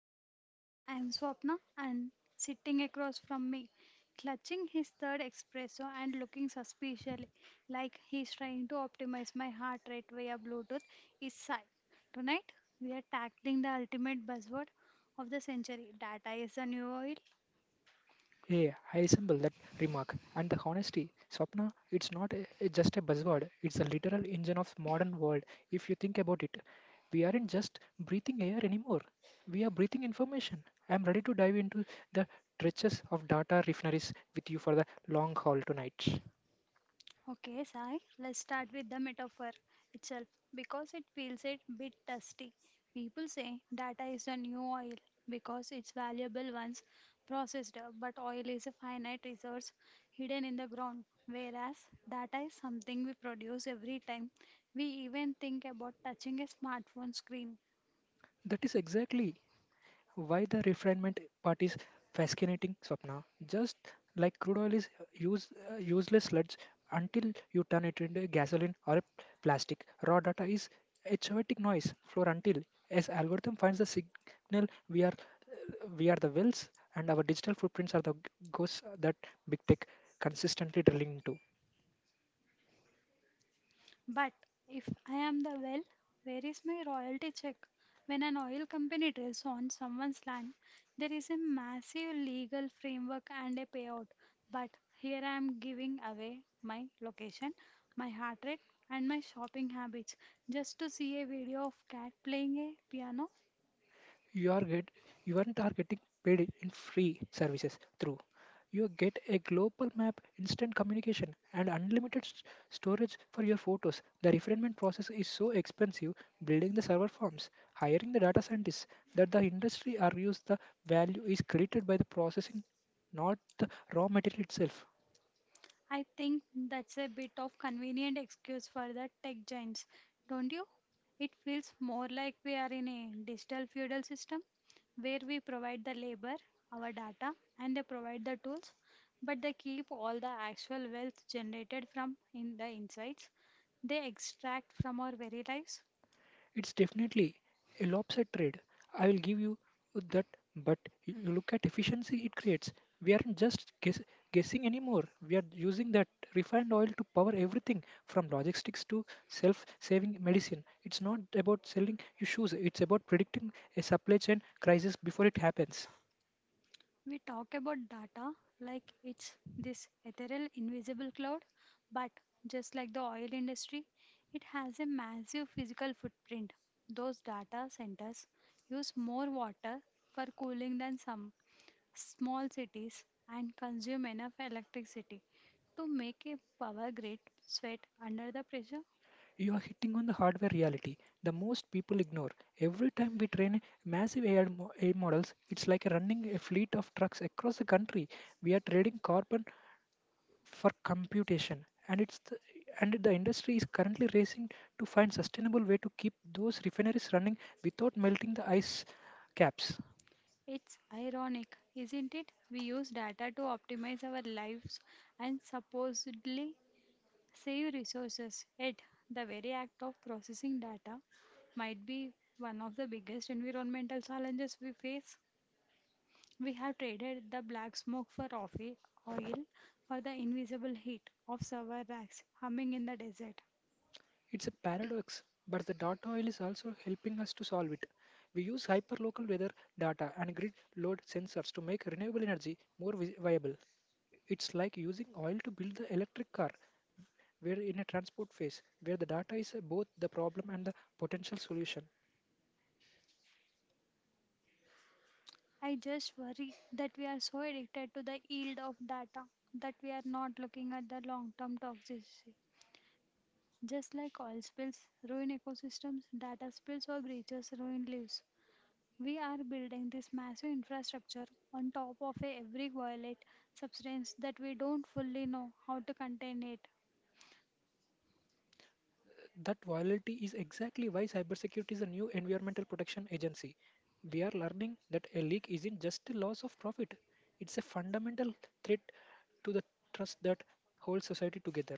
everyone. I'm Swapna, and sitting across from me, clutching his third espresso and looking suspiciously like he's trying to optimize my heart rate via Bluetooth, is Sai. Tonight, we are tackling the ultimate buzzword of the century: data is the new oil. Hey, I assemble that remark and the honesty. Swapna, it's not just a buzzword, it's a literal engine of modern world if you think about it. We aren't just breathing air anymore. We are breathing information. I'm ready to dive into the trenches of data refineries with you for the long haul tonight. Okay, Sai, let's start with the metaphor itself because it feels a bit dusty. People say data is the new oil because it's valuable once processed, but oil is a finite resource hidden in the ground, whereas data is something we produce every time we even think about touching a smartphone screen. That is exactly. Why the refinement part is fascinating, Swapna. Just like crude oil is useless sludge until you turn it into gasoline or a plastic, raw data is a chaotic noise floor until as algorithm finds the signal. We are the wells and our digital footprints are the ghosts that big tech consistently drilling into. But if I am the well, where is my royalty check? When an oil company drills on someone's land, there is a massive legal framework and a payout. But here I am giving away my location, my heart rate, and my shopping habits just to see a video of cat playing a piano. You are get, you aren't are getting paid in free services. Through you get a global map, instant communication, and unlimited storage for your photos. The refinement process is so expensive, building the server farms, hiring the data scientists, that the industry argues the value is created by the processing, not the raw material itself. I think that's a bit of convenient excuse for the tech giants, don't you? It feels more like we are in a digital feudal system where we provide the labor, our data, and they provide the tools, but they keep all the actual wealth generated from in the insights they extract from our very lives. It's definitely a lopsided trade. I will give you that, but you look at efficiency it creates. We aren't just guessing anymore. We are using that refined oil to power everything from logistics to self-saving medicine. It's not about selling you shoes. It's about predicting a supply chain crisis before it happens. We talk about data like it's this ethereal, invisible cloud, but just like the oil industry, it has a massive physical footprint. Those data centers use more water for cooling than some small cities and consume enough electricity to make a power grid sweat under the pressure. You are hitting on the hardware reality. The most people ignore. Every time we train massive AI models, it's like running a fleet of trucks across the country. We are trading carbon for computation, and and the industry is currently racing to find sustainable way to keep those refineries running without melting the ice caps. It's ironic, isn't it? We use data to optimize our lives and supposedly save resources, yet the very act of processing data might be one of the biggest environmental challenges we face. We have traded the black smoke for oil or the invisible heat of server racks humming in the desert. It's a paradox, but the data oil is also helping us to solve it. We use hyperlocal weather data and grid load sensors to make renewable energy more viable. It's like using oil to build the electric car. We're in a transport phase where the data is both the problem and the potential solution. I just worry that we are so addicted to the yield of data that we are not looking at the long term toxicity. Just like oil spills ruin ecosystems, data spills or breaches ruin lives. We are building this massive infrastructure on top of a every violent substance that we don't fully know how to contain it. That volatility is exactly why cybersecurity is a new environmental protection agency. We are learning that a leak isn't just a loss of profit, it's a fundamental threat to the trust that holds society together.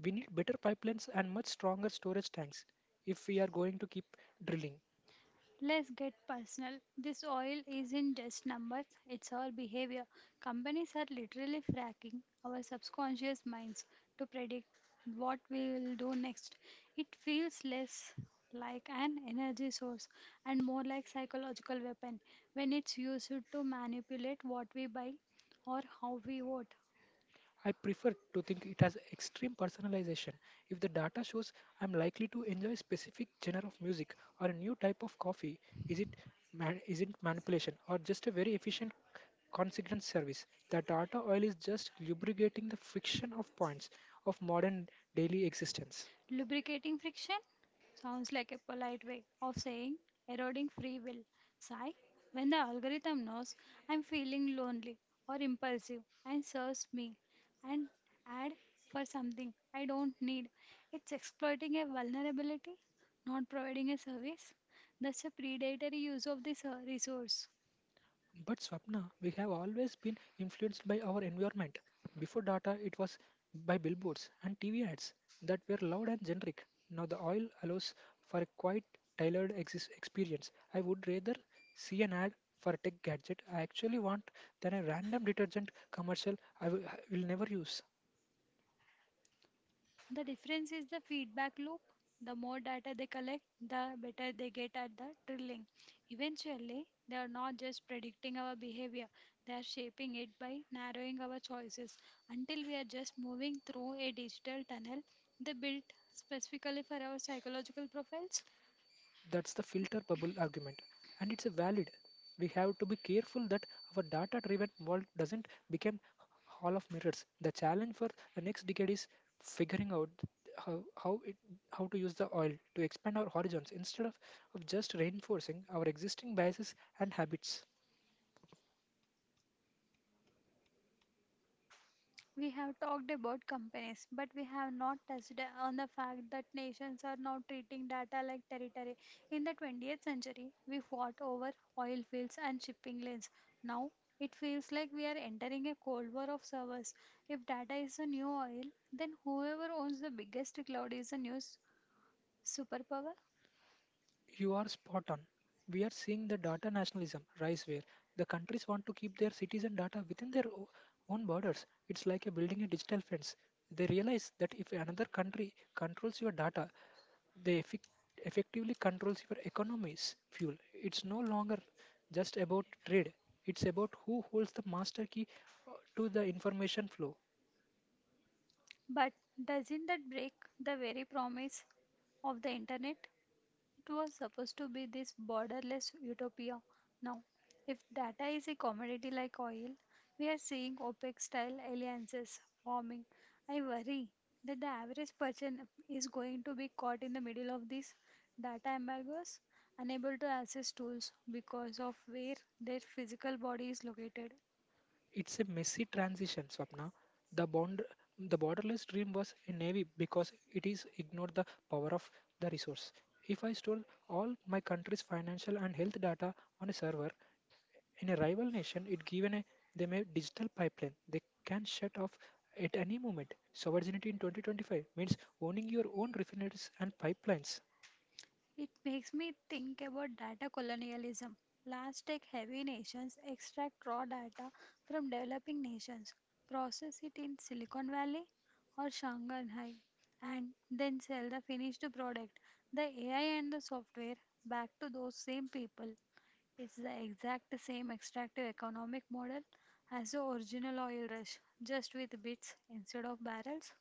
We need better pipelines and much stronger storage tanks if we are going to keep drilling. Let's get personal. This oil isn't just numbers, it's our behavior. Companies are literally fracking our subconscious minds to predict what we will do next. It feels less like an energy source and more like psychological weapon when it's used to manipulate what we buy or how we vote. I prefer to think it has extreme personalization. If the data shows I'm likely to enjoy a specific genre of music or a new type of coffee, is it isn't manipulation or just a very efficient consequence service. The data oil is just lubricating the friction of points of modern daily existence. Lubricating friction sounds like a polite way of saying eroding free will. Sigh, when the algorithm knows I'm feeling lonely or impulsive and serves me an ad for something I don't need, it's exploiting a vulnerability, not providing a service. That's a predatory use of this resource. But Swapna, we have always been influenced by our environment. Before data, it was by billboards and TV ads that were loud and generic. Now the oil allows for a quite tailored experience. I would rather see an ad for a tech gadget I actually want than a random detergent commercial I will never use. The difference is the feedback loop. The more data they collect, the better they get at the drilling. Eventually, they are not just predicting our behavior, they are shaping it by narrowing our choices. Until we are just moving through a digital tunnel, they built specifically for our psychological profiles. That's the filter bubble argument, and it's a valid. We have to be careful that our data driven world doesn't become hall of mirrors. The challenge for the next decade is figuring out how how, it, how to use the oil to expand our horizons instead of just reinforcing our existing biases and habits. We have talked about companies, but we have not touched on the fact that nations are now treating data like territory. In the 20th century, we fought over oil fields and shipping lanes. Now, it feels like we are entering a cold war of servers. If data is the new oil, then whoever owns the biggest cloud is the new superpower. You are spot on. We are seeing the data nationalism rise where the countries want to keep their citizen data within their own borders. It's like a building a digital fence. They realize that if another country controls your data, they effectively controls your economy's fuel. It's no longer just about trade. It's about who holds the master key to the information flow. But doesn't that break the very promise of the internet? It was supposed to be this borderless utopia. Now, if data is a commodity like oil, we are seeing OPEC style alliances forming. I worry that the average person is going to be caught in the middle of these data embargoes, unable to access tools because of where their physical body is located. It's a messy transition, Swapna. The bond, the borderless dream was a navy because it is ignored the power of the resource. If I stole all my country's financial and health data on a server in a rival nation, it given a them a digital pipeline they can shut off at any moment. Sovereignty in 2025 means owning your own refineries and pipelines. It makes me think about data colonialism. Large tech heavy nations extract raw data from developing nations, process it in Silicon Valley or Shanghai, and then sell the finished product, the AI and the software, back to those same people. It's the exact same extractive economic model as the original oil rush, just with bits instead of barrels.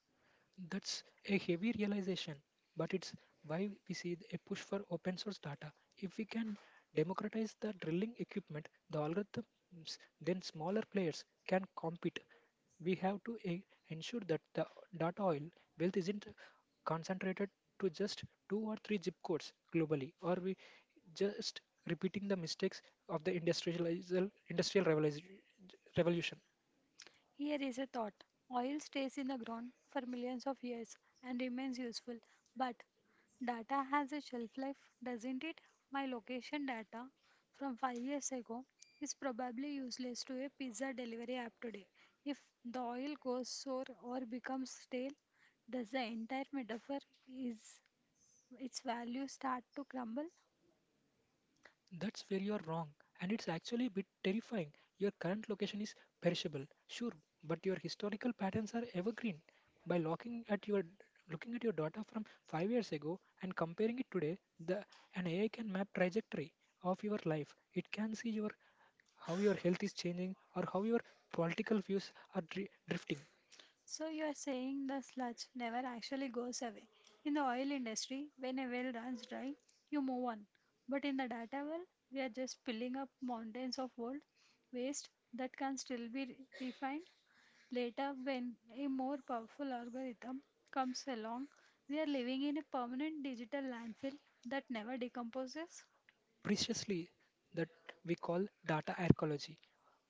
That's a heavy realization, but it's why we see a push for open source data. If we can democratize the drilling equipment, the algorithms, then smaller players can compete. We have to ensure that the data oil wealth isn't concentrated to just two or three zip codes globally, or we just repeating the mistakes of the industrial revolution. Here is a thought: oil stays in the ground for millions of years and remains useful, but data has a shelf life, doesn't it? My location data from 5 years ago is probably useless to a pizza delivery app today. If the oil goes sour or becomes stale, does the entire metaphor is its value start to crumble? That's where you're wrong, and it's actually a bit terrifying. Your current location is perishable, sure, but your historical patterns are evergreen. By looking at your data from 5 years ago and comparing it today, the an AI can map trajectory of your life. It can see your how your health is changing or how your political views are drifting. So you're saying the sludge never actually goes away. In the oil industry, when a well runs dry, you move on. But in the data well, we are just piling up mountains of old waste that can still be refined later when a more powerful algorithm comes along. We are living in a permanent digital landfill that never decomposes. Preciously that we call data archaeology.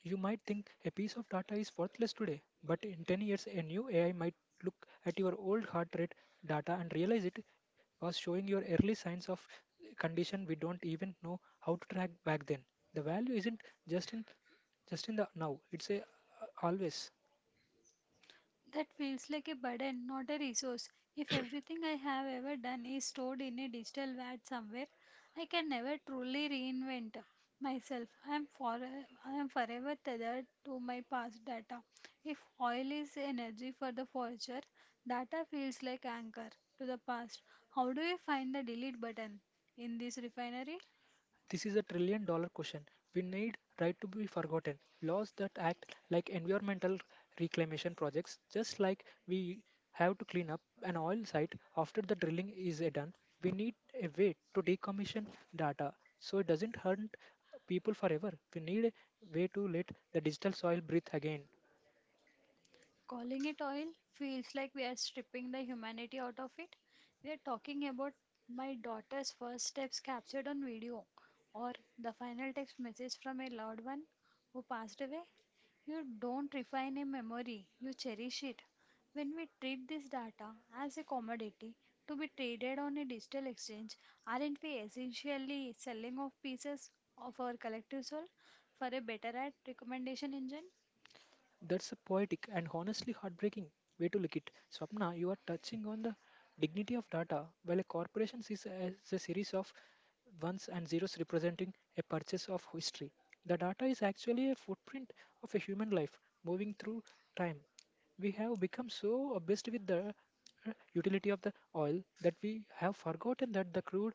You might think a piece of data is worthless today, but in 10 years, a new AI might look at your old heart rate data and realize it was showing your early signs of condition we don't even know how to track back then. The value isn't just in just in the now; it's a always. That feels like a burden, not a resource. If everything I have ever done is stored in a digital vat somewhere, I can never truly reinvent myself. I am forever tethered to my past data. If oil is energy for the forger, data feels like anchor to the past. How do you find the delete button in this refinery? This is a $1 trillion question. We need right to be forgotten. Laws that act like environmental reclamation projects, just like we have to clean up an oil site after the drilling is done. We need a way to decommission data so it doesn't hurt people forever. We need a way to let the digital soil breathe again. Calling it oil feels like we are stripping the humanity out of it. We are talking about my daughter's first steps captured on video, or the final text message from a loved one who passed away. You don't refine a memory, you cherish it. When we treat this data as a commodity to be traded on a digital exchange, aren't we essentially selling off pieces of our collective soul for a better ad recommendation engine? That's a poetic and honestly heartbreaking way to look it. Swapna, you are touching on the dignity of data, while a corporation sees as a series of ones and zeros representing a purchase of history. The data is actually a footprint of a human life moving through time. We have become so obsessed with the utility of the oil that we have forgotten that the crude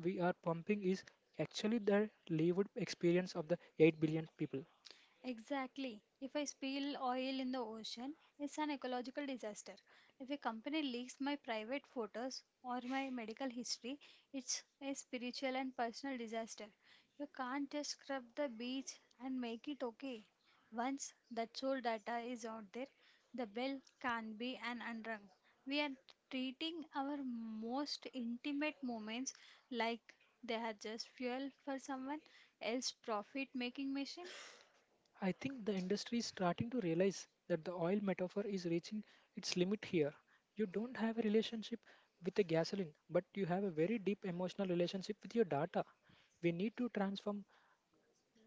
we are pumping is actually the lived experience of the 8 billion people. Exactly. If I spill oil in the ocean, it's an ecological disaster. If a company leaks my private photos or my medical history, it's a spiritual and personal disaster. You can't just scrub the beach and make it okay. Once that soul data is out there, the bell can be an unrung. We are treating our most intimate moments like they are just fuel for someone else's profit making machine. I think the industry is starting to realize that the oil metaphor is reaching its limit here. You don't have a relationship with the gasoline, but you have a very deep emotional relationship with your data. We need to transform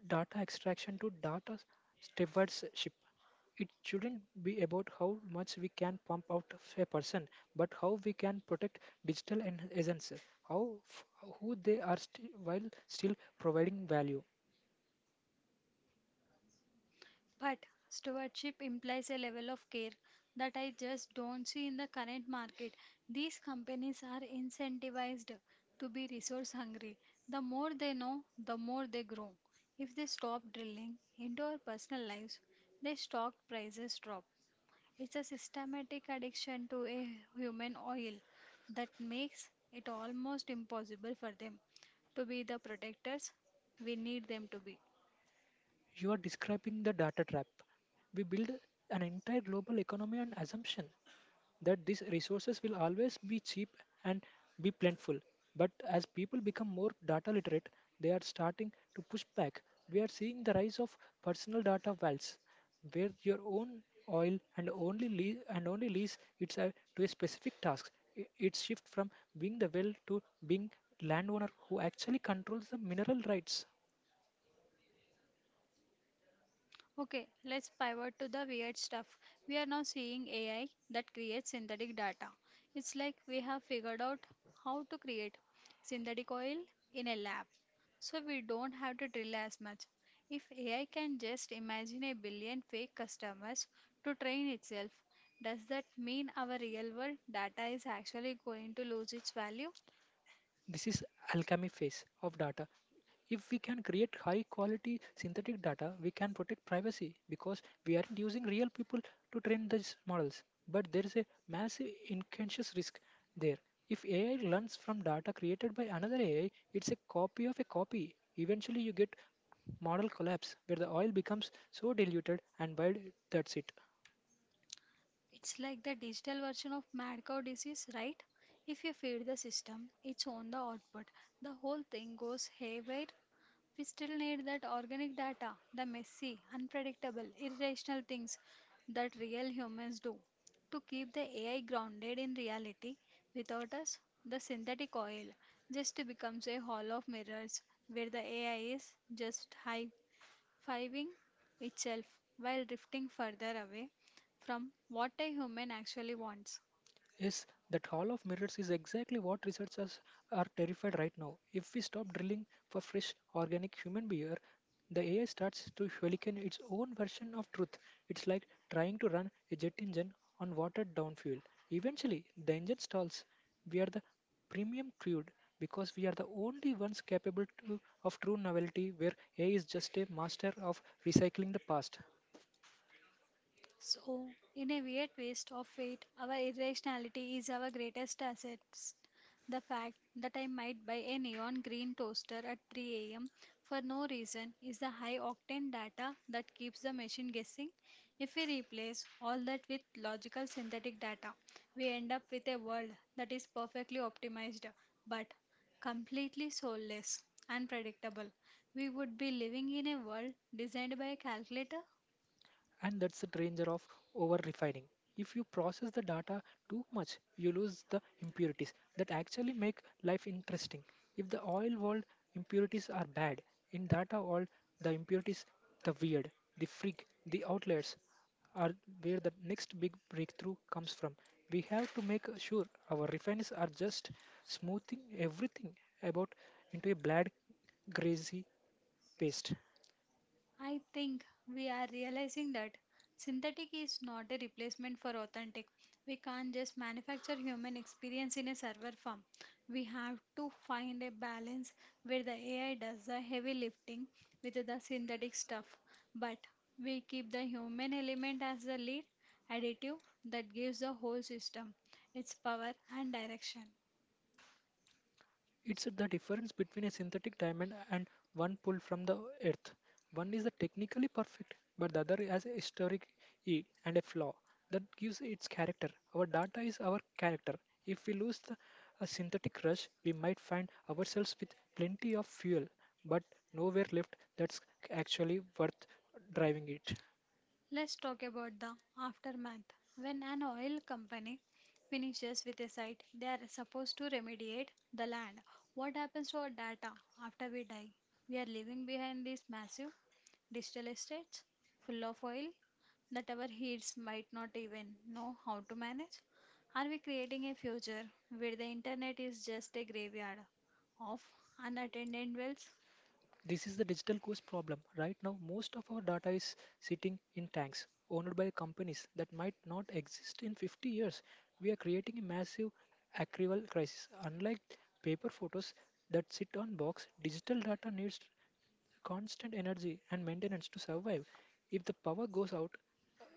data extraction to data stewardship. It shouldn't be about how much we can pump out of a person, but how we can protect digital essence, how f- who they are while still providing value. But stewardship implies a level of care that I just don't see in the current market. These companies are incentivized to be resource hungry. The more they know, the more they grow. If they stop drilling into our personal lives, their stock prices drop. It's a systematic addiction to a human oil that makes it almost impossible for them to be the protectors we need them to be. You are describing the data trap. We build an entire global economy on assumption that these resources will always be cheap and be plentiful. But as people become more data literate, they are starting to push back. We are seeing the rise of personal data wells, where your own oil and only lease to a specific task. It's shift from being the well to being landowner who actually controls the mineral rights. Okay, let's pivot to the weird stuff. We are now seeing AI that creates synthetic data. It's like we have figured out how to create synthetic oil in a lab. So we don't have to drill as much. If AI can just imagine a billion fake customers to train itself, does that mean our real world data is actually going to lose its value? This is alchemy phase of data. If we can create high quality synthetic data, we can protect privacy because we aren't using real people to train these models. But there is a massive unconscious risk there. If AI learns from data created by another AI, it's a copy of a copy. Eventually, you get model collapse where the oil becomes so diluted and bad that's it. It's like the digital version of mad cow disease, right? If you feed the system, it's on the output. The whole thing goes haywire. We still need that organic data, the messy, unpredictable, irrational things that real humans do. To keep the AI grounded in reality, without us, the synthetic oil just becomes a hall of mirrors where the AI is just high fiving itself while drifting further away from what a human actually wants. Yes, that Hall of Mirrors is exactly what researchers are terrified right now. If we stop drilling for fresh, organic human beer, the AI starts to hurricane its own version of truth. It's like trying to run a jet engine on watered down fuel. Eventually, the engine stalls. We are the premium crude because we are the only ones of true novelty where AI is just a master of recycling the past. So, in a weird twist of fate, our irrationality is our greatest assets. The fact that I might buy a neon green toaster at 3 a.m. for no reason is the high octane data that keeps the machine guessing. If we replace all that with logical synthetic data, we end up with a world that is perfectly optimized but completely soulless and predictable. We would be living in a world designed by a calculator. And that's the danger of over refining. If you process the data too much, you lose the impurities that actually make life interesting. If the oil world impurities are bad, in data world the impurities, the weird, the freak, the outliers are where the next big breakthrough comes from. We have to make sure our refineries are just smoothing everything about into a bland greasy paste. I think we are realizing that synthetic is not a replacement for authentic. We can't just manufacture human experience in a server farm. We have to find a balance where the AI does the heavy lifting with the synthetic stuff, but we keep the human element as the lead additive that gives the whole system its power and direction. It's the difference between a synthetic diamond and one pulled from the earth. One is the technically perfect, but the other has a historic e and a flaw that gives its character. Our data is our character. If we lose the a synthetic rush, we might find ourselves with plenty of fuel, but nowhere left that's actually worth driving it. Let's talk about the aftermath. When an oil company finishes with a site, they are supposed to remediate the land. What happens to our data after we die? We are leaving behind these massive digital estates full of oil that our heads might not even know how to manage. Are we creating a future where the internet is just a graveyard of unattended wells? This is the digital coast problem. Right now, most of our data is sitting in tanks owned by companies that might not exist in 50 years. We are creating a massive archival crisis. Unlike paper photos that sit on box, digital data needs constant energy and maintenance to survive. If the power goes out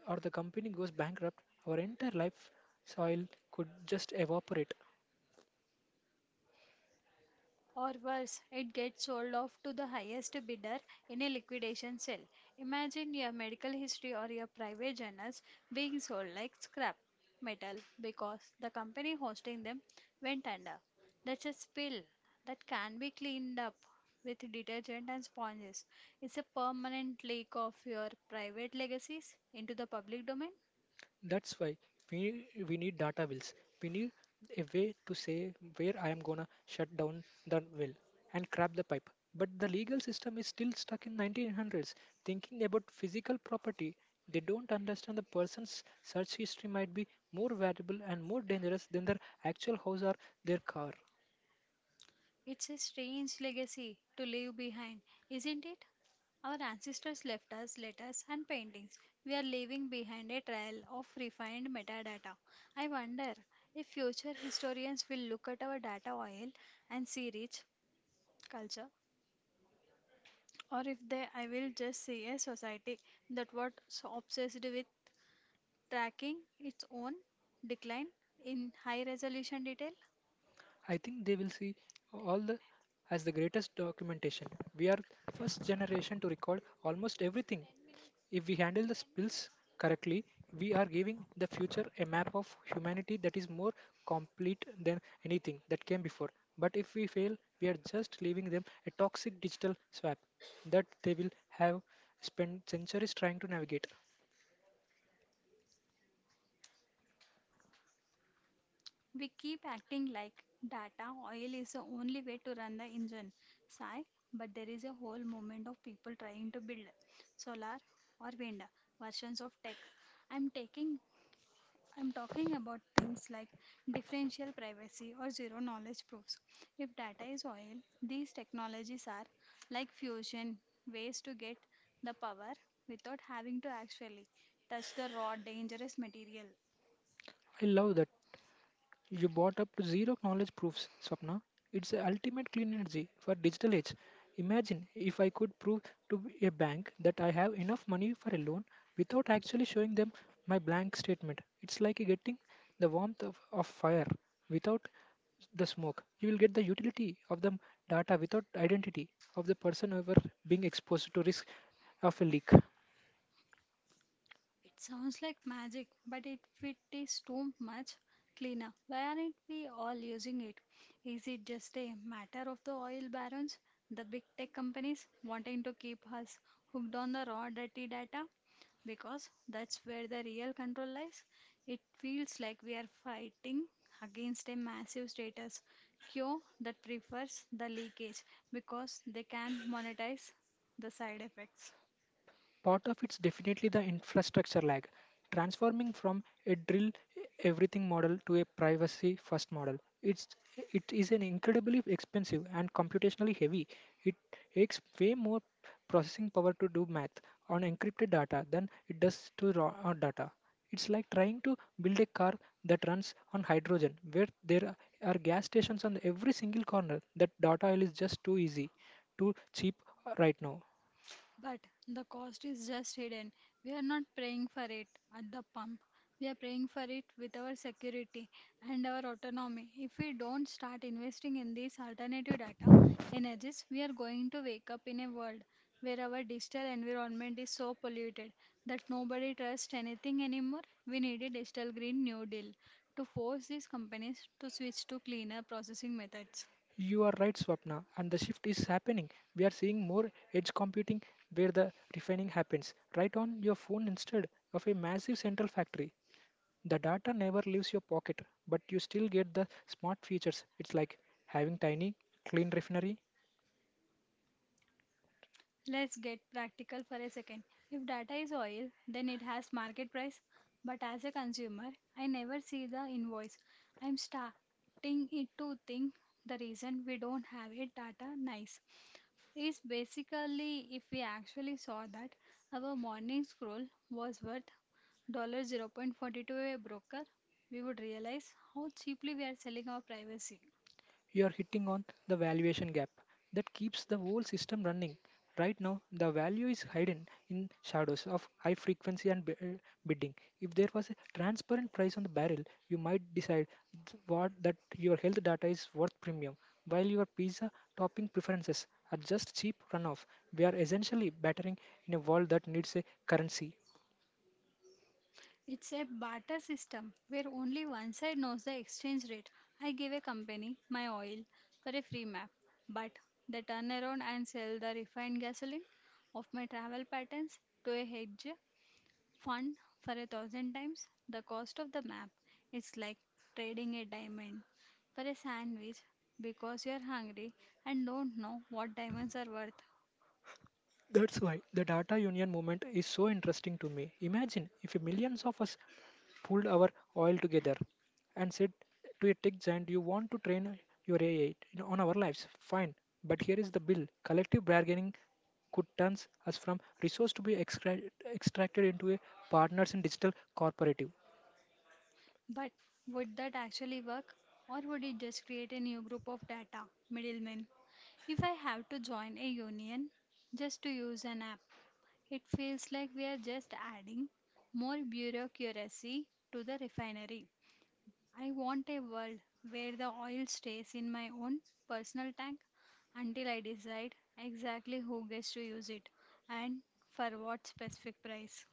or the company goes bankrupt, our entire life soil could just evaporate. Or worse, it gets sold off to the highest bidder in a liquidation sale. Imagine your medical history or your private journals being sold like scrap metal because the company hosting them went under. That's a spill that can be cleaned up with detergent and sponges. It's a permanent leak of your private legacies into the public domain. That's why we need data wells. We need a way to say where I am gonna shut down the well and crab the pipe. But the legal system is still stuck in 1900s, thinking about physical property. They don't understand the person's search history might be more valuable and more dangerous than their actual house or their car. It's a strange legacy to leave behind, isn't it? Our ancestors left us letters and paintings. We are leaving behind a trail of refined metadata. I wonder if future historians will look at our data oil and see rich culture, or if they I will just see a society that was obsessed with tracking its own decline in high resolution detail. I think they will see all the as the greatest documentation. We are first generation to record almost everything. If we handle the spills correctly, we are giving the future a map of humanity that is more complete than anything that came before. But if we fail, we are just leaving them a toxic digital swap that they will have spent centuries trying to navigate. We keep acting like data oil is the only way to run the engine. Sigh, but there is a whole movement of people trying to build solar or wind versions of tech. I'm taking I'm talking about things like differential privacy or zero knowledge proofs. If data is oil, these technologies are like fusion, ways to get the power without having to actually touch the raw dangerous material. I love that you brought up to zero knowledge proofs, Swapna. It's the ultimate clean energy for digital age. Imagine if I could prove to a bank that I have enough money for a loan without actually showing them my blank statement. It's like getting the warmth of fire without the smoke. You will get the utility of the data without identity of the person ever being exposed to risk of a leak. It sounds like magic, but if it is too much cleaner, why aren't we all using it? Is it just a matter of the oil barons, the big tech companies wanting to keep us hooked on the raw dirty data? Because that's where the real control lies. It feels like we are fighting against a massive status quo that prefers the leakage because they can monetize the side effects. Part of it's definitely the infrastructure lag. Transforming from a drill everything model to a privacy first model. It's it is an incredibly expensive and computationally heavy. It takes way more processing power to do math on encrypted data than it does to raw data. It's like trying to build a car that runs on hydrogen, where there are gas stations on every single corner. That data is just too easy, too cheap right now. But the cost is just hidden. We are not praying for it at the pump. We are praying for it with our security and our autonomy. If we don't start investing in these alternative data energies, we are going to wake up in a world where our digital environment is so polluted that nobody trusts anything anymore. We need a digital green new deal to force these companies to switch to cleaner processing methods. You are right, Swapna, and the shift is happening. We are seeing more edge computing where the refining happens right on your phone instead of a massive central factory. The data never leaves your pocket, but you still get the smart features. It's like having tiny, clean refinery Let's get practical for a second. If data is oil, then it has market price. But as a consumer, I never see the invoice. I'm starting it to think the reason we don't have it data nice is basically if we actually saw that our morning scroll was worth $0.42 a broker, we would realize how cheaply we are selling our privacy. you're hitting on the valuation gap that keeps the whole system running. Right now, the value is hidden in shadows of high frequency and bidding. If there was a transparent price on the barrel, you might decide what that your health data is worth premium, while your pizza topping preferences are just cheap runoff. We are essentially battering in a world that needs a currency. It's a barter system where only one side knows the exchange rate. I give a company my oil for a free map, but they turn around and sell the refined gasoline of my travel patterns to a hedge fund for a thousand times the cost of the map. It's like trading a diamond for a sandwich because you're hungry and don't know what diamonds are worth. That's why the data union movement is so interesting to me. Imagine if millions of us pulled our oil together and said to a tech giant, you want to train your AI on our lives? Fine, but here is the bill. Collective bargaining could turn us from resource to extracted into a partners in digital corporative. But would that actually work? Or would it just create a new group of data middlemen? If I have to join a union just to use an app, it feels like we are just adding more bureaucracy to the refinery. I want a world where the oil stays in my own personal tank until I decide exactly who gets to use it and for what specific price.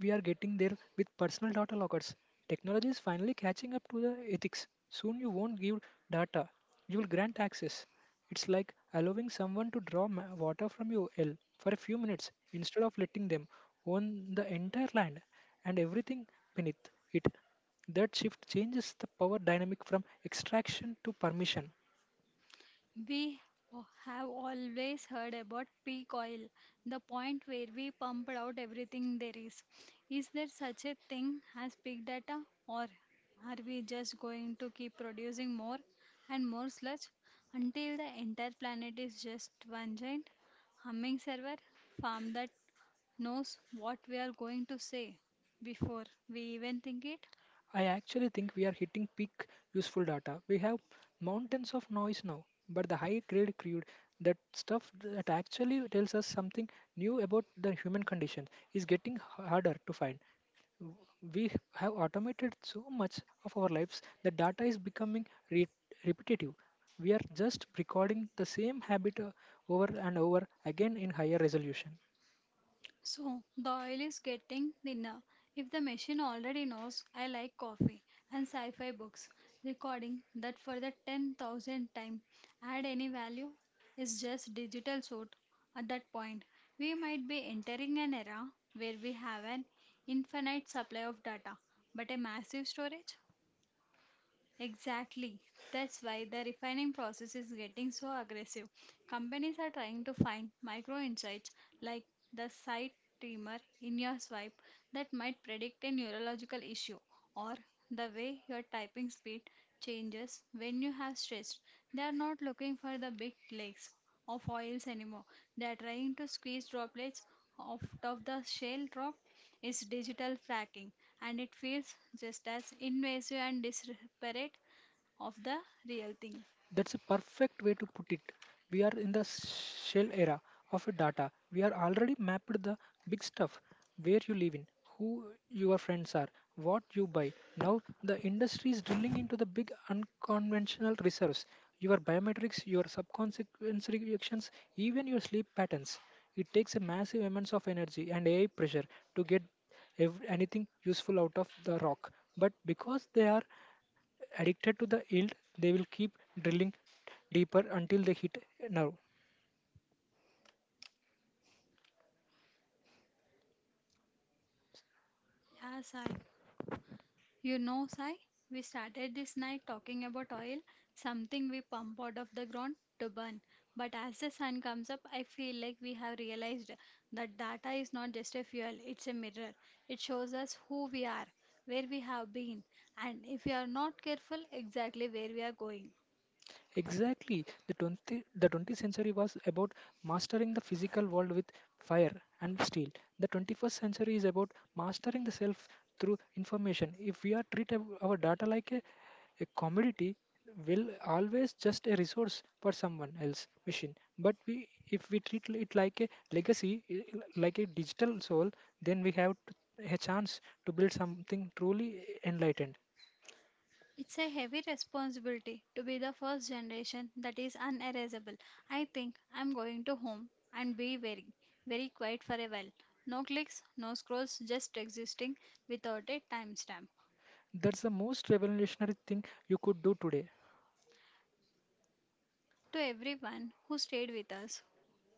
We are getting there with personal data lockers. Technology is finally catching up to the ethics. Soon you won't give data, you will grant access. It's like allowing someone to draw water from your well for a few minutes instead of letting them own the entire land and everything beneath it. That shift changes the power dynamic from extraction to permission. We have always heard about peak oil, the point where we pump out everything there is. Is there such a thing as peak data, or are we just going to keep producing more and more sludge until the entire planet is just one giant humming server farm that knows what we are going to say before we even think it? I actually think we are hitting peak useful data. We have mountains of noise now, but the high grade crude, that stuff that actually tells us something new about the human condition, is getting harder to find. We have automated so much of our lives that data is becoming repetitive. We are just recording the same habit over and over again in higher resolution. So the oil is getting thinner. If the machine already knows I like coffee and sci fi books, recording that for the 10,000th time add any value is just digital suit at that point. We might be entering an era where we have an infinite supply of data but a massive storage. Exactly. That's why the refining process is getting so aggressive. Companies are trying to find micro insights like the side tremor in your swipe that might predict a neurological issue or the way your typing speed changes when you have stressed. They are not looking for the big lakes of oils anymore. They are trying to squeeze droplets out of the shale rock is digital fracking and it feels just as invasive and disparate of the real thing. That's a perfect way to put it. We are in the shell era of data. We are already mapped the big stuff, where you live in, who your friends are, what you buy. Now the industry is drilling into the big unconventional reserves, your biometrics, your subconscious reactions, even your sleep patterns. It takes a massive amounts of energy and AI pressure to get anything useful out of the rock. But because they are addicted to the yield, they will keep drilling deeper until they hit a nerve. Yeah, Sai. You know, Sai, we started this night talking about oil, something we pump out of the ground to burn. But as the sun comes up, I feel like we have realized that data is not just a fuel, it's a mirror. It shows us who we are, where we have been, and if we are not careful, exactly where we are going. Exactly. The 20th century was about mastering the physical world with fire and steel. The 21st century is about mastering the self through information. If we are our data like a commodity, will always just a resource for someone else machine. But we, if we treat it like a legacy, like a digital soul, then we have a chance to build something truly enlightened. It's a heavy responsibility to be the first generation that is unerasable. I think I'm going to home and be very, very quiet for a while. No clicks, no scrolls, just existing without a timestamp. That's the most revolutionary thing you could do today. To everyone who stayed with us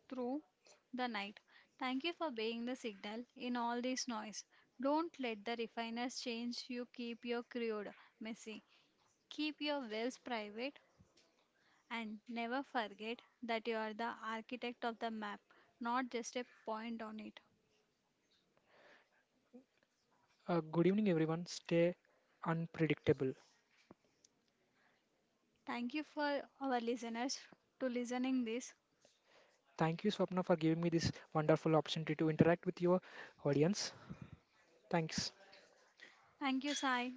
through the night, thank you for being the signal in all this noise. Don't let the refiners change you. Keep your crude messy. Keep your wells private. And never forget that you are the architect of the map, not just a point on it. Good evening, everyone. Stay unpredictable. Thank you for our listeners to listening this. Thank you, Swapna, for giving me this wonderful opportunity to interact with your audience. Thanks. Thank you, Sai.